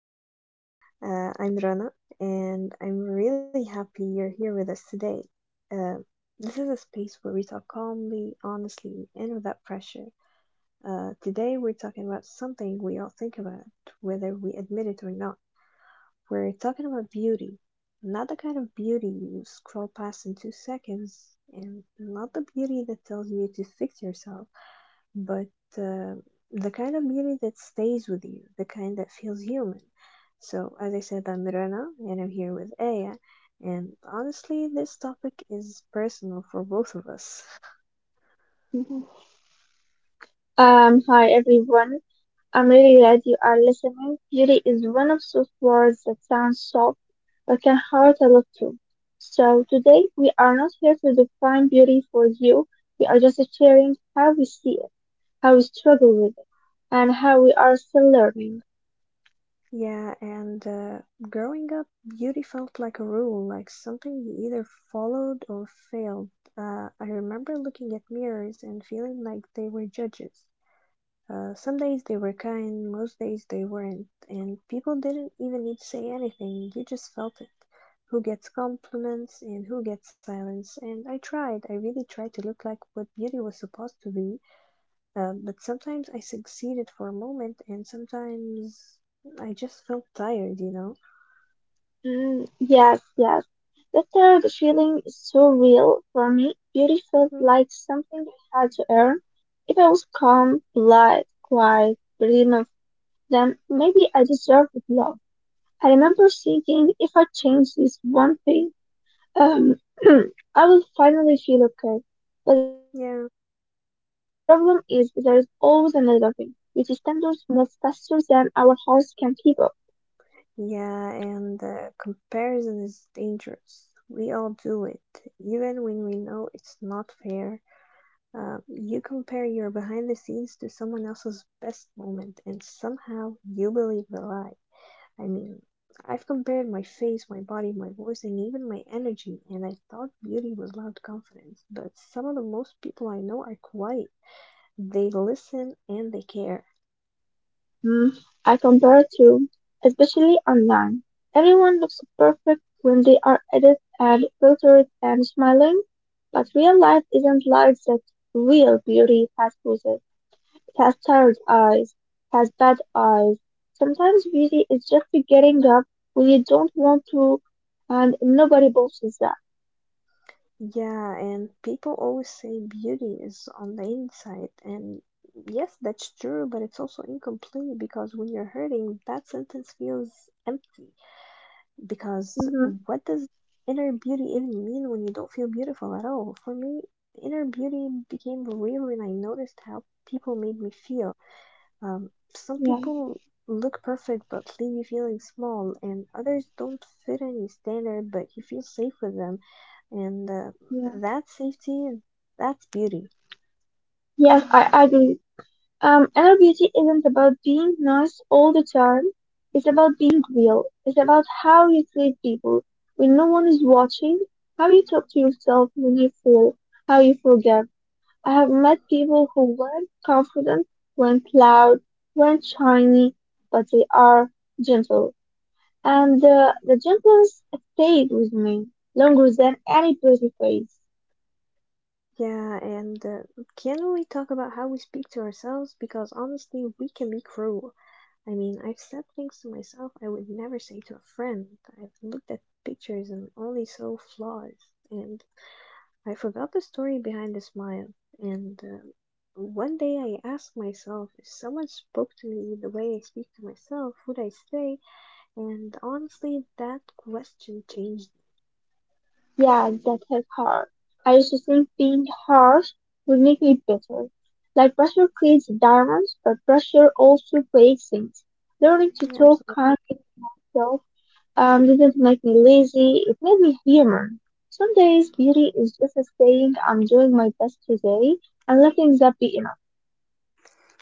welcome. I'm Rana, and I'm really happy you're here with us today. Uh, this is a space where we talk calmly, honestly, and without pressure. Today, we're talking about something we all think about, whether we admit it or not. We're talking about beauty. Not the kind of beauty you scroll past in 2 seconds, and not the beauty that tells you to fix yourself, but uh, the kind of beauty that stays with you, the kind that feels human. So, as I said, I'm Rana and I'm here with Aya, and honestly, this topic is personal for both of us. Mhm. Hi everyone. I'm really glad you are listening. Beauty is one of those words that sounds soft but can hurt a lot too. So today we are not here to define beauty for you. We are just sharing how we see it, how we struggle with it, and how we are still learning. Yeah, and growing up, beauty felt like a rule, like something you either followed or failed. I remember looking at mirrors and feeling like they were judges. Some days they were kind, most days they weren't, and people didn't even need to say anything, you just felt it. Who gets compliments and who gets silence? And I tried, I really tried to look like what beauty was supposed to be, but sometimes I succeeded for a moment, and sometimes I just felt tired, you know? Mm, yes, yes. That third feeling is so real for me. Beauty felt Mhm. like something I had to earn. If I was calm, polite, quiet, pretty, then maybe I deserve love. I remember thinking if I change this one thing, um, I will finally feel okay. But the problem Yeah. is there is always another thing. Beauty standards move faster than our house can keep up. Yeah, and comparison is dangerous. We all do it, even when we know it's not fair. You compare your behind the scenes to someone else's best moment, and somehow you believe the lie. I mean, I've compared my face, my body, my voice, and even my energy, and I thought beauty was loud confidence. But some of the most people I know are quiet. They listen and they care. Mm, I compare to, especially online. Everyone looks perfect when they are edited and filtered and smiling, but real life isn't like that. Real beauty has poses, has tired eyes, has bad eyes. Sometimes beauty is just getting up when you don't want to, and nobody bosses that. Yeah, and people always say beauty is on the inside, and yes, that's true, but it's also incomplete because when you're hurting, that sentence feels empty. Because Mm-hmm. what does inner beauty even mean when you don't feel beautiful at all? For me, inner beauty became real when I noticed how people made me feel. Some Yeah, people look perfect but leave you feeling small, and others don't fit any standard but you feel safe with them. And yeah. that's safety, that's beauty. Yes, I agree. Inner beauty isn't about being nice all the time. It's about being real. It's about how you treat people when no one is watching, how you talk to yourself when you feel, how you forgive. I have met people who weren't confident, weren't loud, weren't shiny, but they are gentle. And the gentleness stayed with me longer than any pretty face. Yeah, and can we talk about how we speak to ourselves? Because honestly, we can be cruel. I mean, I've said things to myself I would never say to a friend. I've looked at pictures and only saw flaws. And I forgot the story behind the smile. And one day I asked myself, if someone spoke to me the way I speak to myself, would I stay? And honestly, that question changed Yeah, that hit hard. I used to think being harsh would make me bitter. Like pressure creates diamonds, but pressure also breaks things. Learning to me. Yeah, talk absolutely. kindly to myself didn't make me lazy, it made me human. Some days beauty is just saying I'm doing my best today and letting that be enough.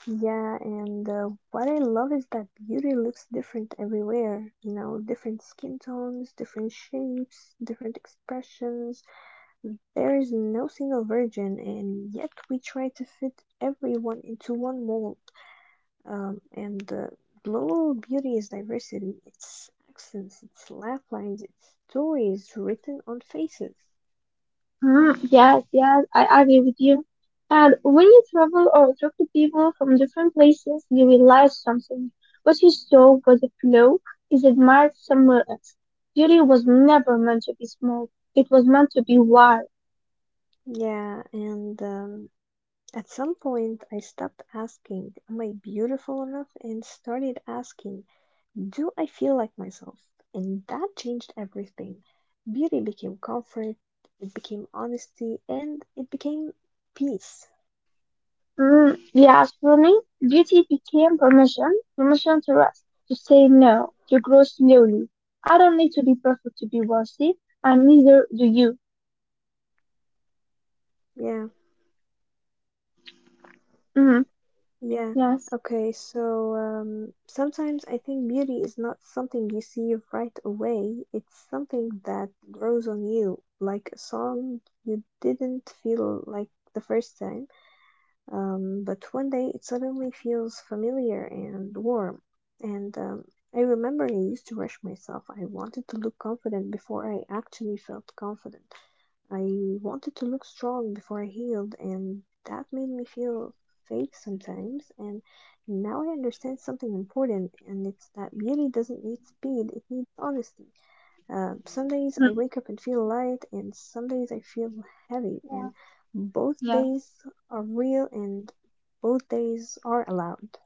Yeah, and what I love is that beauty looks different everywhere. You know, different skin tones, different shapes, different expressions. There is no single version, and yet we try to fit everyone into one mold. And the global beauty is diversity. It's accents, it's laugh lines, it's stories written on faces. Hmm, yes, yes, I agree with you. And when you travel or talk to people from different places, you realize something. What you saw was a flow is admired somewhere else. Beauty was never meant to be small. It was meant to be wide. Yeah, and at some point I stopped asking, "Am I beautiful enough?" and started asking, "Do I feel like myself?" And that changed everything. Beauty became comfort, it became honesty, and it became peace. Mm, yes, for me, duty became permission, permission to rest, to say no, to grow slowly. I don't Mm-hmm. need to be perfect to be wealthy, and neither do you. Yeah, Mm, yeah. yes. Okay, so sometimes I think beauty is not something you see right away, it's something that grows on you, like a song you didn't feel like the first time. But one day it suddenly feels familiar and warm. And I remember I used to rush myself. I wanted to look confident before I actually felt confident. I wanted to look strong before I healed, and that made me feel fake sometimes. And now I understand something important, and it's that beauty doesn't need speed, it needs honesty. Some days I Mm, wake up and feel light, and some days I feel heavy, yeah, and both yeah, days are real and both days are allowed.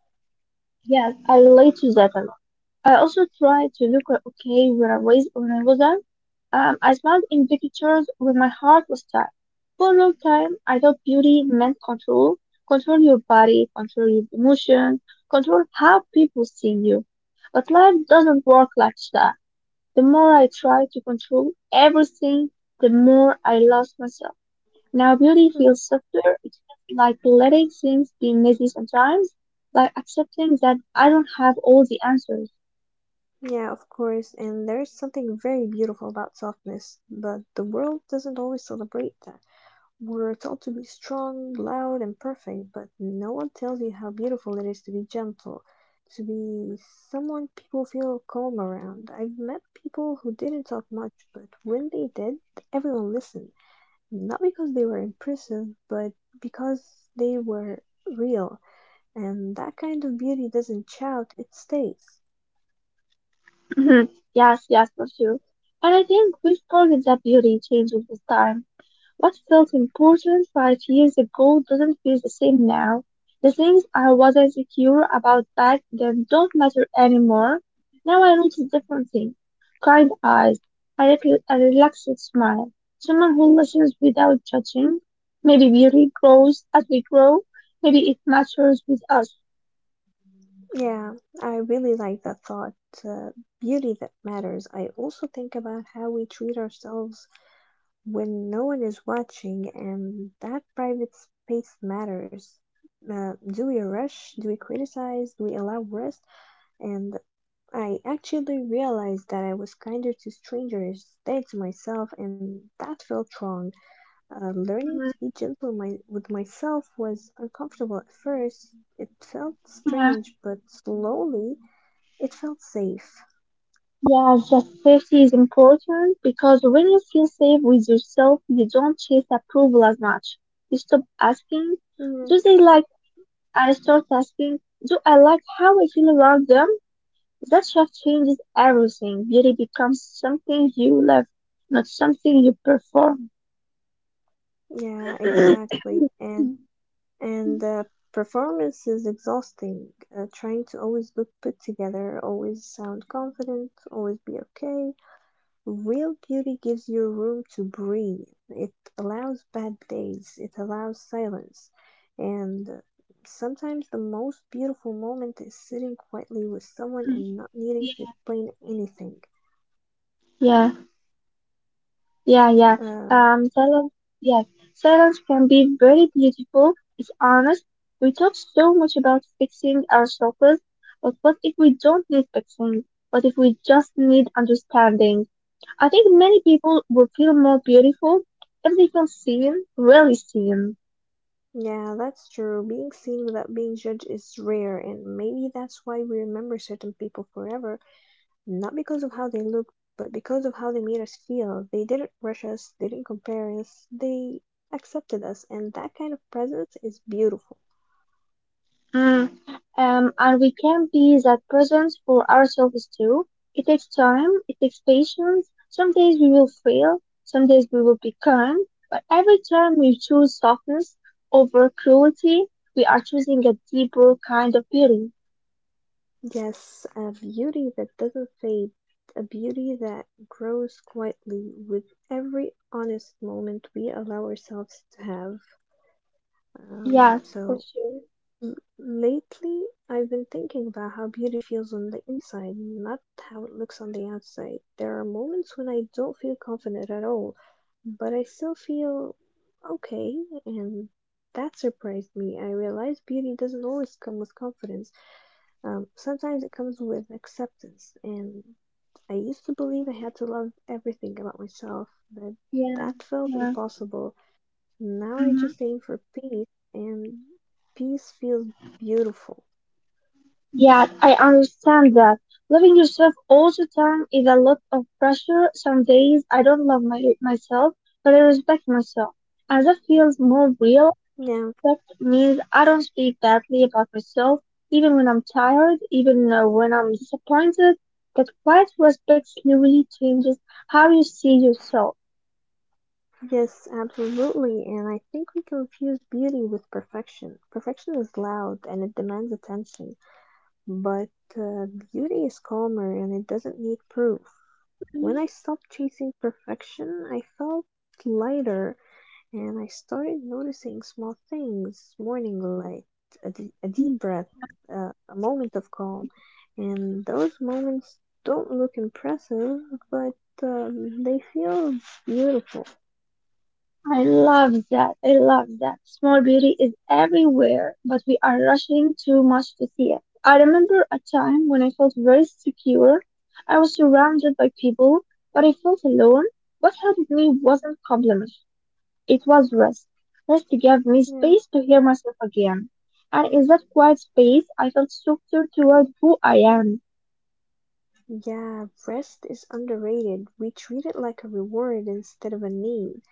yes, I relate to that a lot. I also tried to look okay when I was when I wasn't. I smiled in pictures when my heart was tight. For a long time, I thought beauty meant control, control your body, control your emotion, control how people see you. But life doesn't work like that. The more I try to control everything, the more I lost myself. Now beauty Mhm. feels softer. It feels like letting things be messy sometimes, like accepting that I don't have all the answers. Yeah, of course, and there is something very beautiful about softness, but the world doesn't always celebrate that. We're told to be strong, loud, and perfect, but no one tells you how beautiful it is to be gentle, to be someone people feel calm around. I've met people who didn't talk much, but when they did, everyone listened. Not because they were impressive, but because they were real, and that kind of beauty doesn't shout, it stays. Mhm. Yes, yes, for sure. And I think we forget that beauty changes with time. What felt important 5 years ago doesn't feel the same now. The things I was insecure about back then don't matter anymore. Now I notice different things. Kind eyes, a relaxed smile, someone who listens without judging. Maybe beauty grows as we grow. Maybe it matures with us. Yeah, I really like that thought. Uh, beauty that matters. I also think about how we treat ourselves when no one is watching, and that private space matters. Do we rush? Do we criticize? Do we allow rest? And I actually realized that I was kinder to strangers than to myself, and that felt wrong. Learning to be gentle with myself was uncomfortable at first. It felt Mhm. strange, but slowly it felt safe. Yeah, that safety is important because when you feel safe with yourself, you don't chase approval as much. You stop asking, Mm, "Do they like me?" and start asking, "Do I like how I feel around them?" That shift changes everything. Beauty becomes something you love, not something you perform. yeah, exactly. And performance is exhausting. Trying to always look put together, always sound confident, always be okay. Real beauty gives you room to breathe. It allows bad days. It allows silence. And sometimes the most beautiful moment is sitting quietly with someone and not needing to explain anything. Yeah. Yeah, yeah. Um, Silence. Yes, silence can be very beautiful. It's honest. We talk so much about fixing ourselves, but what if we don't need fixing? What if we just need understanding? I think many people would feel more beautiful if they feel seen, really seen. yeah, that's true. Being seen without being judged is rare, and maybe that's why we remember certain people forever. Not because of how they looked, but because of how they made us feel. They didn't rush us, they didn't compare us, they accepted us, and that kind of presence is beautiful. Mm, and we can be that presence for ourselves too. It takes time, it takes patience. Some days we will fail, some days we will be calm, but every time we choose softness over cruelty, we are choosing a deeper kind of beauty. Yes, a beauty that doesn't fade, a beauty that grows quietly with every honest moment we allow ourselves to have. Um, Yes, for so sure. L- lately, I've been thinking about how beauty feels on the inside, not how it looks on the outside. There are moments when I don't feel confident at all, but I still feel okay, and that surprised me. I realized beauty doesn't always come with confidence. Sometimes it comes with acceptance, and I used to believe I had to love everything about myself, but Yeah, that felt yeah. impossible. Now I Mhm. just aim for peace, and peace feels beautiful. Yeah, I understand that. Loving yourself all the time is a lot of pressure. Some days I don't love myself, but I respect myself. And that feels more Yeah, real. That means I don't speak badly about myself, even when I'm tired, even when I'm disappointed. That quiet respect slowly changes how you see yourself. yes, absolutely. And I think we confuse beauty with perfection. Perfection is loud and it demands attention, but uh, beauty is calmer and it doesn't need proof. When I stopped chasing perfection, I felt lighter. And I started noticing small things, morning light, a deep Mhm. breath, Yeah. A moment of calm. And those moments don't look impressive, but they feel beautiful. I love that. I love that. Small beauty is everywhere, but we are rushing too much to see it. I remember a time when I felt very secure. I was surrounded by people, but I felt alone. What helped me wasn't compliments. It was rest. Rest gave me Yeah. space to hear myself again. And in that quiet space, I felt softer toward who I am. Yeah, rest is underrated. We treat it like a reward instead of a need.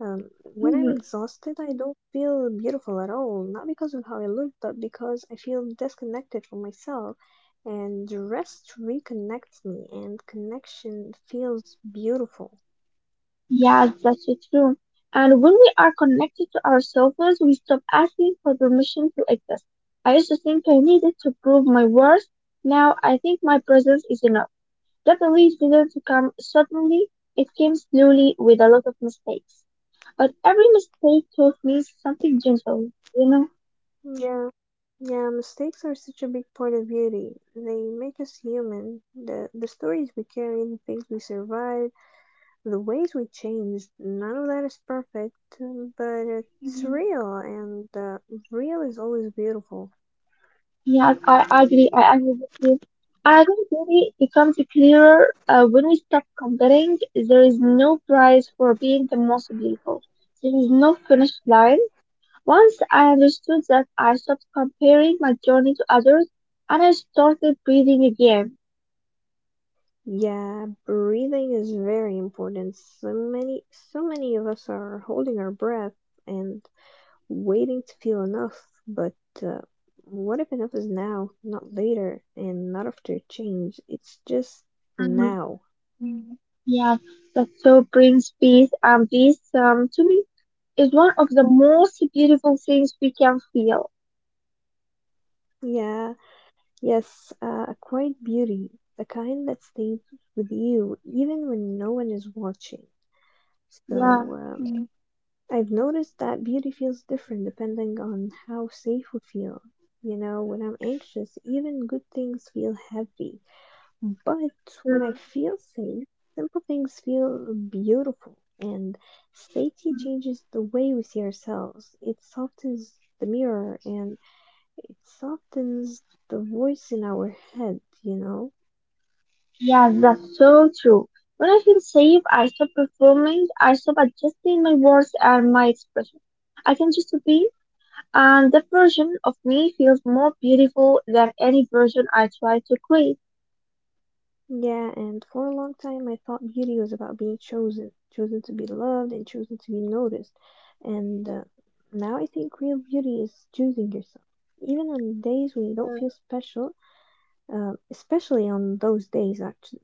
Um, when I'm Hmm. exhausted, I don't feel beautiful at all. Not because of how I look, but because I feel disconnected from myself. And rest reconnects me, and connection feels beautiful. Yes, that's so true. And when we are connected to ourselves, we stop asking for permission to exist. I used to think I needed to prove my worth. Now I think my presence is enough. That belief didn't come suddenly. It came slowly with a lot of mistakes. But every mistake taught me something gentle, you know? Yeah, yeah, mistakes are such a big part of beauty. They make us human. The stories we carry, the things we survive, the ways we change, none of that is perfect, but it's real, and real is always beautiful. Yes, I agree. I agree with you. And I think beauty becomes clearer when we stop comparing. There is no prize for being the most beautiful. There is no finish line. Once I understood that, I stopped comparing my journey to others, and I started breathing again. Yeah, breathing is very important. So many of us are holding our breath and waiting to feel enough. But uh, what if enough is now, not later, and not after change? It's just Hmm. now. Yeah, yeah. That so brings peace, and peace, to me, is one of the most beautiful things we can feel. Yeah, yes, a quiet beauty, the kind that stays with you even when no one is watching. Yeah, So. Uh, yeah. I've noticed that beauty feels different depending on how safe we feel. You know, when I'm anxious, even good things feel heavy. But when I Mm. feel safe, simple things feel beautiful. And safety changes the way we see ourselves. It softens the mirror and it softens the voice in our head, you know? Yeah, that's so true. When I feel safe, I stop performing, I stop adjusting my words and my expression. I can just be, and that version of me feels more beautiful than any version I try to create. Yeah, and for a long time I thought beauty was about being chosen, chosen to be loved and chosen to be noticed. And now I think real beauty is choosing yourself. Even on days when you don't Mm, feel special, especially on those days, actually.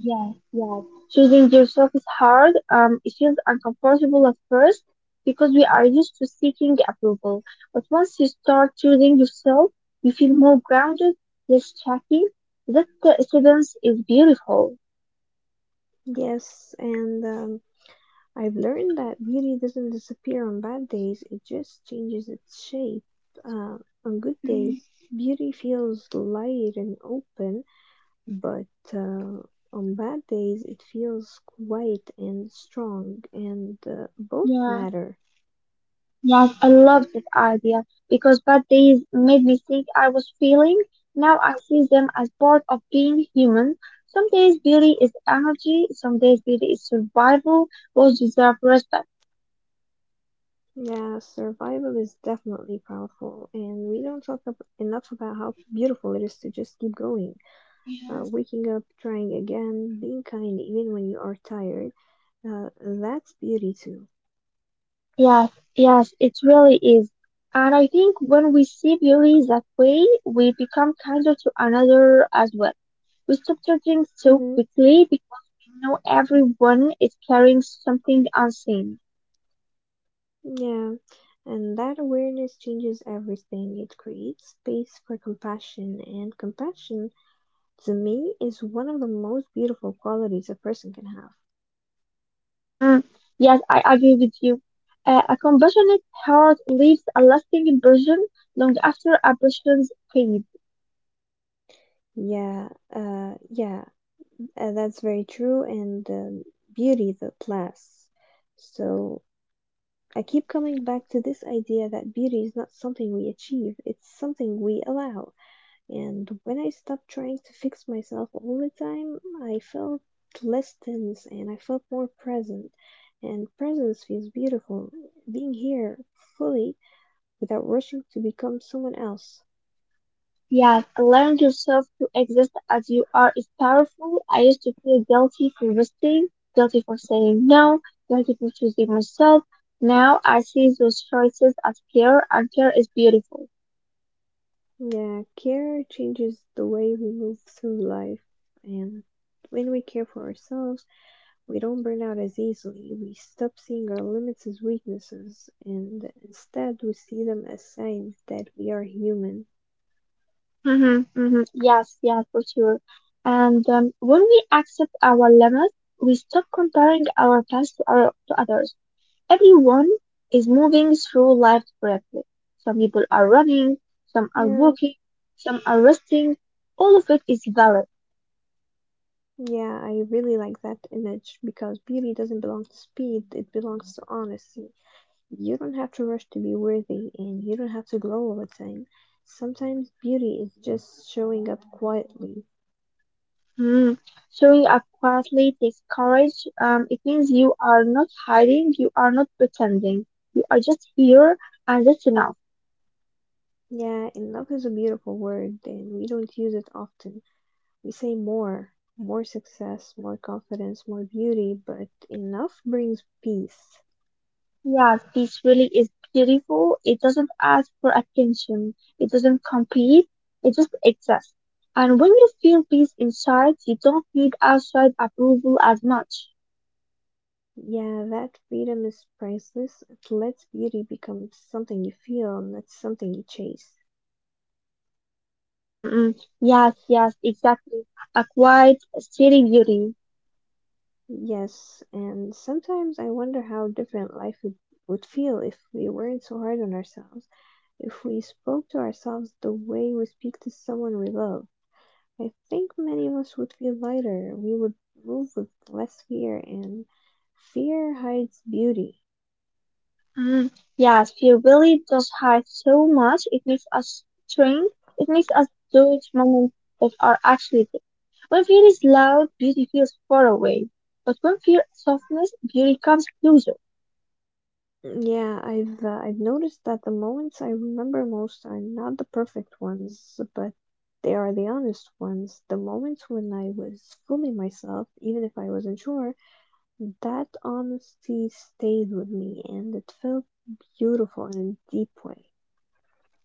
yes, yes. Choosing yourself is hard. It feels uncomfortable at first because we are used to seeking approval. But once you start choosing yourself, you feel more grounded, less shaky. That students is beautiful. Yes, and I've learned that beauty doesn't disappear on bad days, it just changes its shape. Uh, on good days, beauty feels light and open, but uh, on bad days it feels quiet and strong, and both Yeah, matter. yes, I love that idea because bad days made me think I was feeling. Now I see them as part of being human. Some days beauty is energy, some days beauty is survival. Both deserve respect. Yeah, survival is definitely powerful, and we don't talk enough about how beautiful it is to just keep going. Uh, Yes. waking up, trying again, being kind even when you are tired. That's beauty too. Yes, yes, it really is. And I think when we see beauty that way, we become kinder to another as well. We stop judging so Hmm. quickly because we know everyone is carrying something unseen. Yeah, and that awareness changes everything. It creates space for compassion, and compassion to me is one of the most beautiful qualities a person can have. Mm, yes, I agree with you. A compassionate heart leaves a lasting impression long after impressions fade. Yeah, yeah, that's very true, and beauty that lasts. So I keep coming back to this idea that beauty is not something we achieve, it's something we allow. And when I stopped trying to fix myself all the time, I felt less tense and I felt more present. And presence feels beautiful, being here fully without rushing to become someone else. Yes, allowing yourself to exist as you are is powerful. I used to feel guilty for resisting, guilty for saying no, guilty for choosing myself. Now I see those choices as care, and care is beautiful. Yeah, care changes the way we move through life, and when we care for ourselves, we don't burn out as easily. We stop seeing our limits as weaknesses, and instead we see them as signs that we are human. Hmm, hmm, yes, yes, for sure. And when we accept our limits, we stop comparing our past to others. Everyone is moving through life separately. Some people are running, Yeah, some are walking, some are resting. All of it is valid. yeah, I really like that image because beauty doesn't belong to speed, it belongs to honesty. You don't have to rush to be worthy, and you don't have to glow all the time. Sometimes beauty is just showing up quietly. Hmm. Showing up quietly takes courage. It means you are not hiding, you are not pretending. You are just here, and that's enough. Yeah, enough is a beautiful word, and we don't use it often. We say more, more success, more confidence, more beauty, but enough brings peace. Yeah, peace really is beautiful. It doesn't ask for attention. It doesn't compete. It just exists. And when you feel peace inside, you don't need outside approval as much. Yeah, that freedom is priceless. It lets beauty become something you feel, not something you chase. Mm-mm. Yes, yes, exactly. A quiet, steady beauty. Yes, and sometimes I wonder how different life would feel if we weren't so hard on ourselves, if we spoke to ourselves the way we speak to someone we love. I think many of us would feel lighter. We would move with less fear, and fear hides beauty. Mm. Yes, fear really does hide so much. It makes us shrink. It makes us do it moments that are actually there. When fear is loud, beauty feels far away. But when fear is softness, beauty comes closer. Yeah, I've noticed that the moments I remember most are not the perfect ones, but they are the honest ones. The moments when I was fooling myself, even if I wasn't sure, that honesty stayed with me, and it felt beautiful in a deep way.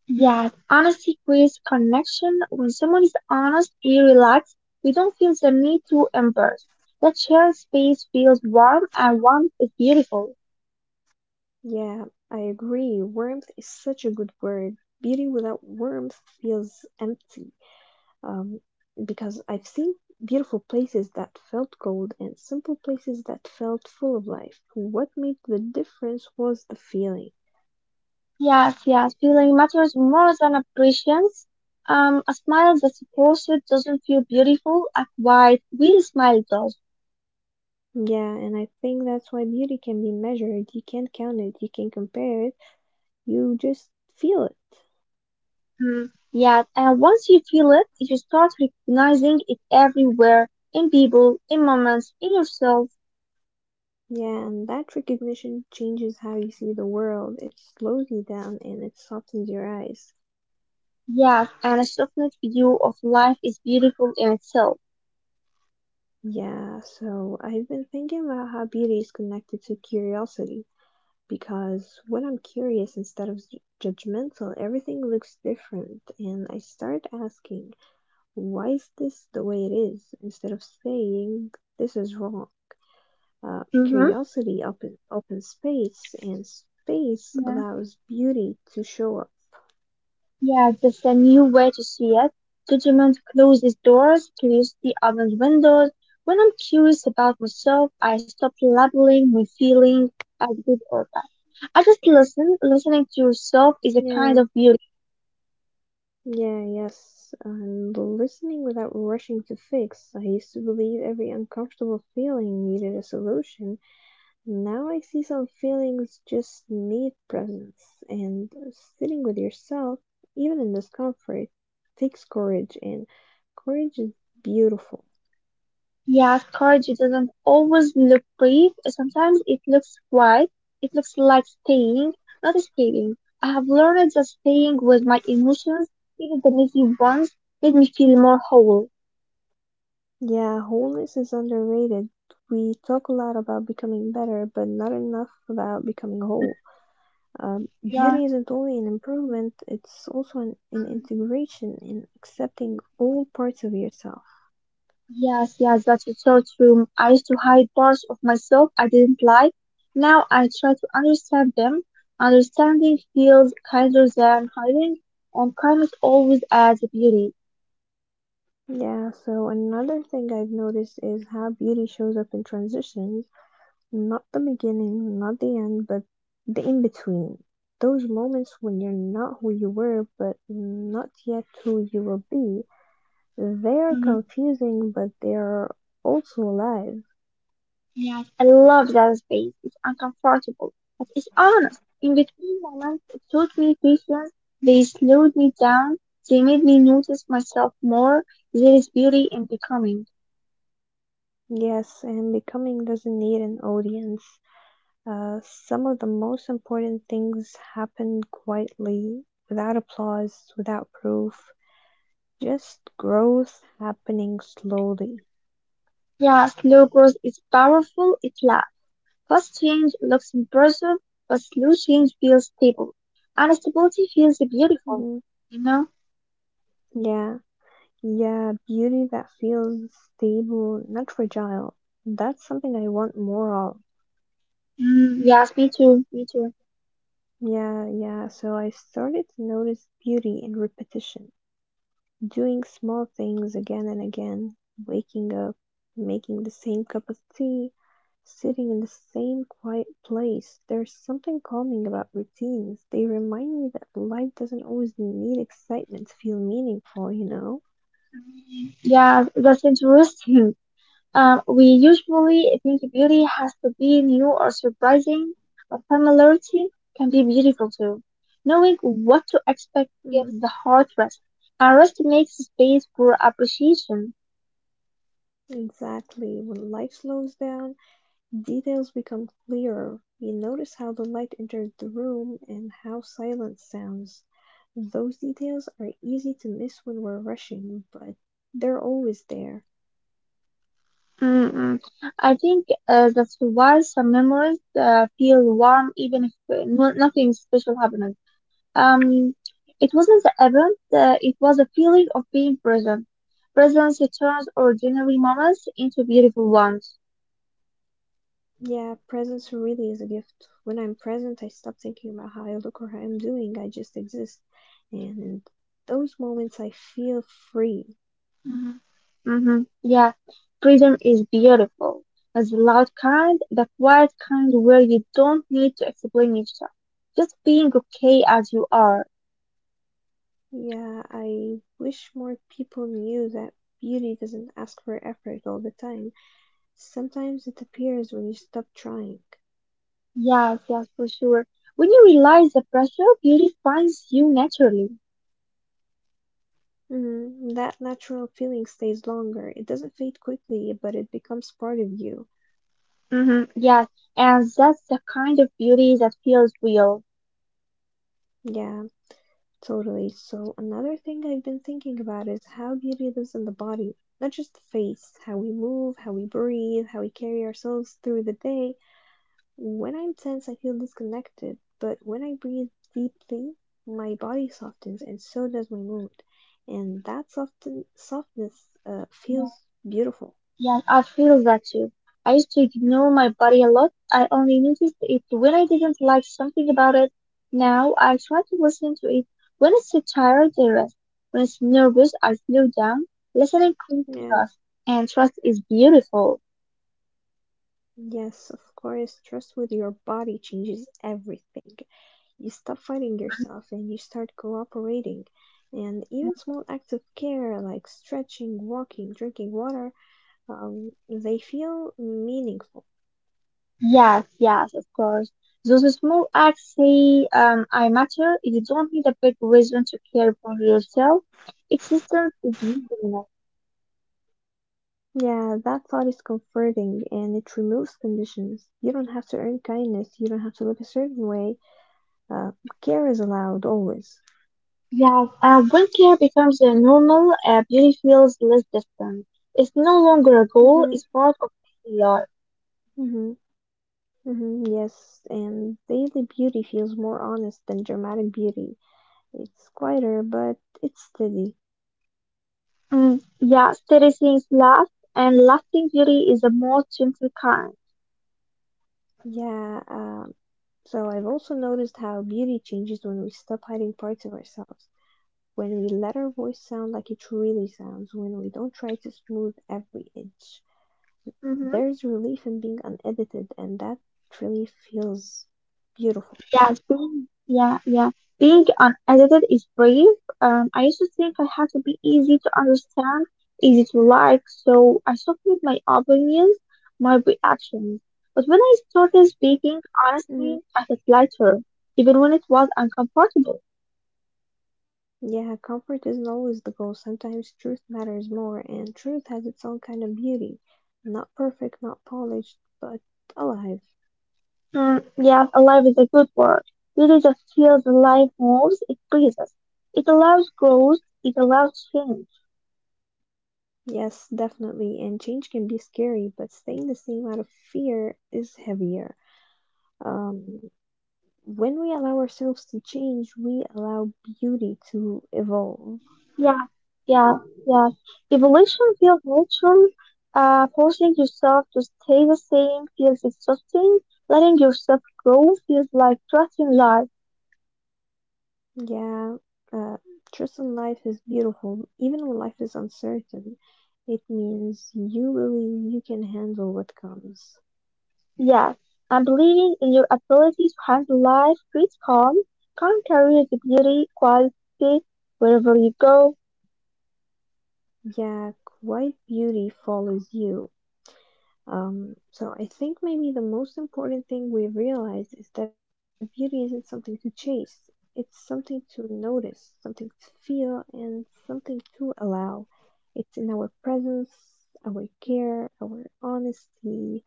Yes, honesty creates connection. When someone is honest, we relax. We don't feel the need to embrace. That shared space feels warm, and warmth is beautiful. Yeah, I agree. Warmth is such a good word. Beauty without warmth feels empty. Um, because I've seen beautiful places that felt cold and simple places that felt full of life. What made the difference was the feeling. Yes, yes, feeling matters more than appreciance. A smile that's forced doesn't feel beautiful. A quiet, real smile does. Yeah, and I think that's why beauty can be measured. You can't count it, you can't compare it, you just feel it. Mm. Yes, and once you feel it, you start recognizing it everywhere, in people, in moments, in yourself. Yeah, and that recognition changes how you see the world. It slows you down and it softens your eyes. Yes, and a softened view of life is beautiful in itself. Yeah, so I've been thinking about how beauty is connected to curiosity because when I'm curious instead of judgmental, everything looks different, and I start asking, why is this the way it is, instead of saying this is wrong. Mm-hmm. Curiosity opens space, and space allows beauty to show up. Yeah, that's a new way to see it. Judgment closes doors, curiosity opens windows. When I'm curious about myself, I stop labeling my feelings as good or bad. I just listen. Listening to yourself is a kind Yeah, of beauty. Yeah, yes, and listening without rushing to fix. I used to believe every uncomfortable feeling needed a solution. Now I see some feelings just need presence, and sitting with yourself, even in discomfort, takes courage, and courage is beautiful. Yes, courage doesn't always look brave. Sometimes it looks quiet. It looks like staying, not escaping. I have learned that staying with my emotions, even the messy ones, made me feel more whole. Yeah, wholeness is underrated. We talk a lot about becoming better, but not enough about becoming whole. Mhm. Yeah. Beauty isn't only an improvement, it's also an Mhm. integration in accepting all parts of yourself. Yes, yes, that's so true. I used to hide parts of myself I didn't like. Now I try to understand them. Understanding feels kinder than hiding, and kindness always adds beauty. Yeah, so another thing I've noticed is how beauty shows up in transitions, not the beginning, not the end, but the in between. Those moments when you're not who you were, but not yet who you will be. They're Mhm. confusing, but they're also alive. Yes, I love that space. It's uncomfortable, but it's honest. In between moments, it taught me patience. They slowed me down. They made me notice myself more. There is beauty in becoming. Yes, and becoming doesn't need an audience. Some of the most important things happened quietly, without applause, without proof, just growth happening slowly. Yeah, slow growth is powerful. It lasts. Fast-change looks impressive, but slow change feels stable. And stability feels Hmm. beautiful, you know? Yeah, yeah, beauty that feels stable, not fragile. That's something I want more of. Mm, yes, me too, me too. Yeah, so I started to notice beauty in repetition. Doing small things again and again, waking up, making the same cup of tea, sitting in the same quiet place. There's something calming about routines. They remind me that life doesn't always need excitement to feel meaningful, you know? Yeah, that's interesting. We usually think beauty has to be new or surprising, but familiarity can be beautiful too. Knowing what to expect Mm, gives the heart rest, and rest makes space for appreciation. exactly. When life slows down, details become clearer: you notice how the light entered the room and how silence sounds. Those details are easy to miss when we're rushing, but they're always there. Mm-mm. I think that's why some memories feel warm even if no, nothing special happened. Um, it wasn't the event, it was a feeling of being present. Presence turns ordinary moments into beautiful ones. Yeah, presence really is a gift. When I'm present, I stop thinking about how I look or how I'm doing. I just exist. And in those moments, I feel free. Mhm. Mm-hmm. Yeah, freedom is beautiful. It's the loud kind, the quiet kind where you don't need to explain yourself. Just being okay as you are. Yeah, I wish more people knew that beauty doesn't ask for effort all the time. Sometimes it appears when you stop trying. Yes, yes, for sure. When you realize the pressure, beauty finds you naturally. Mhm. That natural feeling stays longer. It doesn't fade quickly, but it becomes part of you. Hmm. Yes, and that's the kind of beauty that feels real. Yeah, totally. So, another thing I've been thinking about is how beauty lives in the body, not just the face, how we move, how we breathe, how we carry ourselves through the day. When I'm tense, I feel disconnected, but when I breathe deeply, my body softens and so does my mood. And that softness Yeah, feels beautiful. yeah, I feel that too. I used to ignore my body a lot. I only noticed it when I didn't like something about it. Now I try to listen to it. When it's tired, I rest. When it's nervous, I slow down. Listening Yeah, creates trust, and trust is beautiful. yes, of course. Trust with your body changes everything. You stop fighting yourself and you start cooperating. And even Mhm. small acts of care like stretching, walking, drinking water, they feel meaningful. Yes, yes, of course. Those small acts say, I matter. You don't need a big reason to care for yourself. Existence is easy enough. Yeah, that thought is comforting and it removes conditions. You don't have to earn kindness, you don't have to look a certain way. Uh, Care is allowed always. Yes, when care becomes normal, beauty feels less distant. It's no longer a goal, Mm-hmm, it's part of daily life. mm-hmm. Mhm, yes, and daily beauty feels more honest than dramatic beauty. It's quieter, but it's steady. Mm, yeah, steady things last, and lasting beauty is the most gentle kind. Yeah, so I've also noticed how beauty changes when we stop hiding parts of ourselves, when we let our voice sound like it really sounds, when we don't try to smooth every inch. Mhm. There's relief in being unedited, and that really feels beautiful. Yes, being yeah, yeah. Being unedited is brave. I used to think I had to be easy to understand, easy to like, so I softened my opinions, my reactions. But when I started speaking Mm-hmm. honestly, I felt lighter, even when it was uncomfortable. Yeah, comfort isn't always the goal. Sometimes truth matters more, and truth has its own kind of beauty. Not perfect, not polished, but alive. Mm, yes, alive is a good word. Really just feels life moves, it breathes. It allows growth, it allows change. Yes, definitely. And change can be scary, but staying the same out of fear is heavier. Um, when we allow ourselves to change, we allow beauty to evolve. Yeah, yeah, yeah. Evolution feels natural. Forcing yourself to stay the same feels exhausting. Letting yourself grow feels like trusting life. Yeah, uh, trust in life is beautiful, even when life is uncertain. It means you believe you can handle what comes. Yes, and believing in your ability to handle life creates calm. Calm carries the beauty, quality wherever you go. Yeah, quite beauty follows you. So I think maybe the most important thing we realize is that beauty isn't something to chase. It's something to notice, something to feel, and something to allow. It's in our presence, our care, our honesty,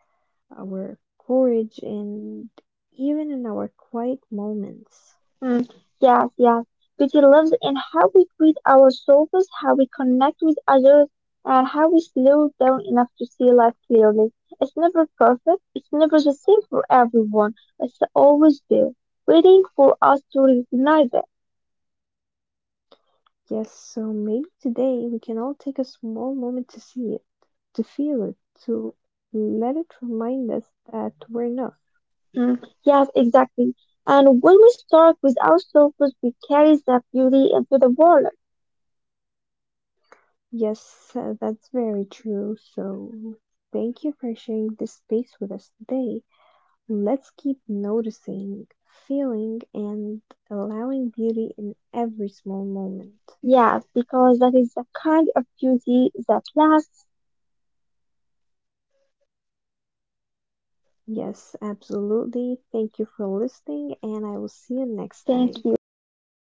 our courage, and even in our quiet moments. Mm, yes, yes. Beauty lives in how we treat ourselves, how we connect with others, and how we slow down enough to see life clearly. It's never perfect, it's never the same for everyone. It's always there, waiting for us to recognize it. Yes, so maybe today we can all take a small moment to see it, to feel it, to let it remind us that we're enough. Mm, yes, exactly. And when we start with ourselves, we carry that beauty into the world. Yes, that's very true. So thank you for sharing this space with us today. Let's keep noticing, feeling, and allowing beauty in every small moment. Yes, because that is the kind of beauty that lasts. Yes, absolutely. Thank you for listening, and I will see you next time. Goodbye. Thank you. See you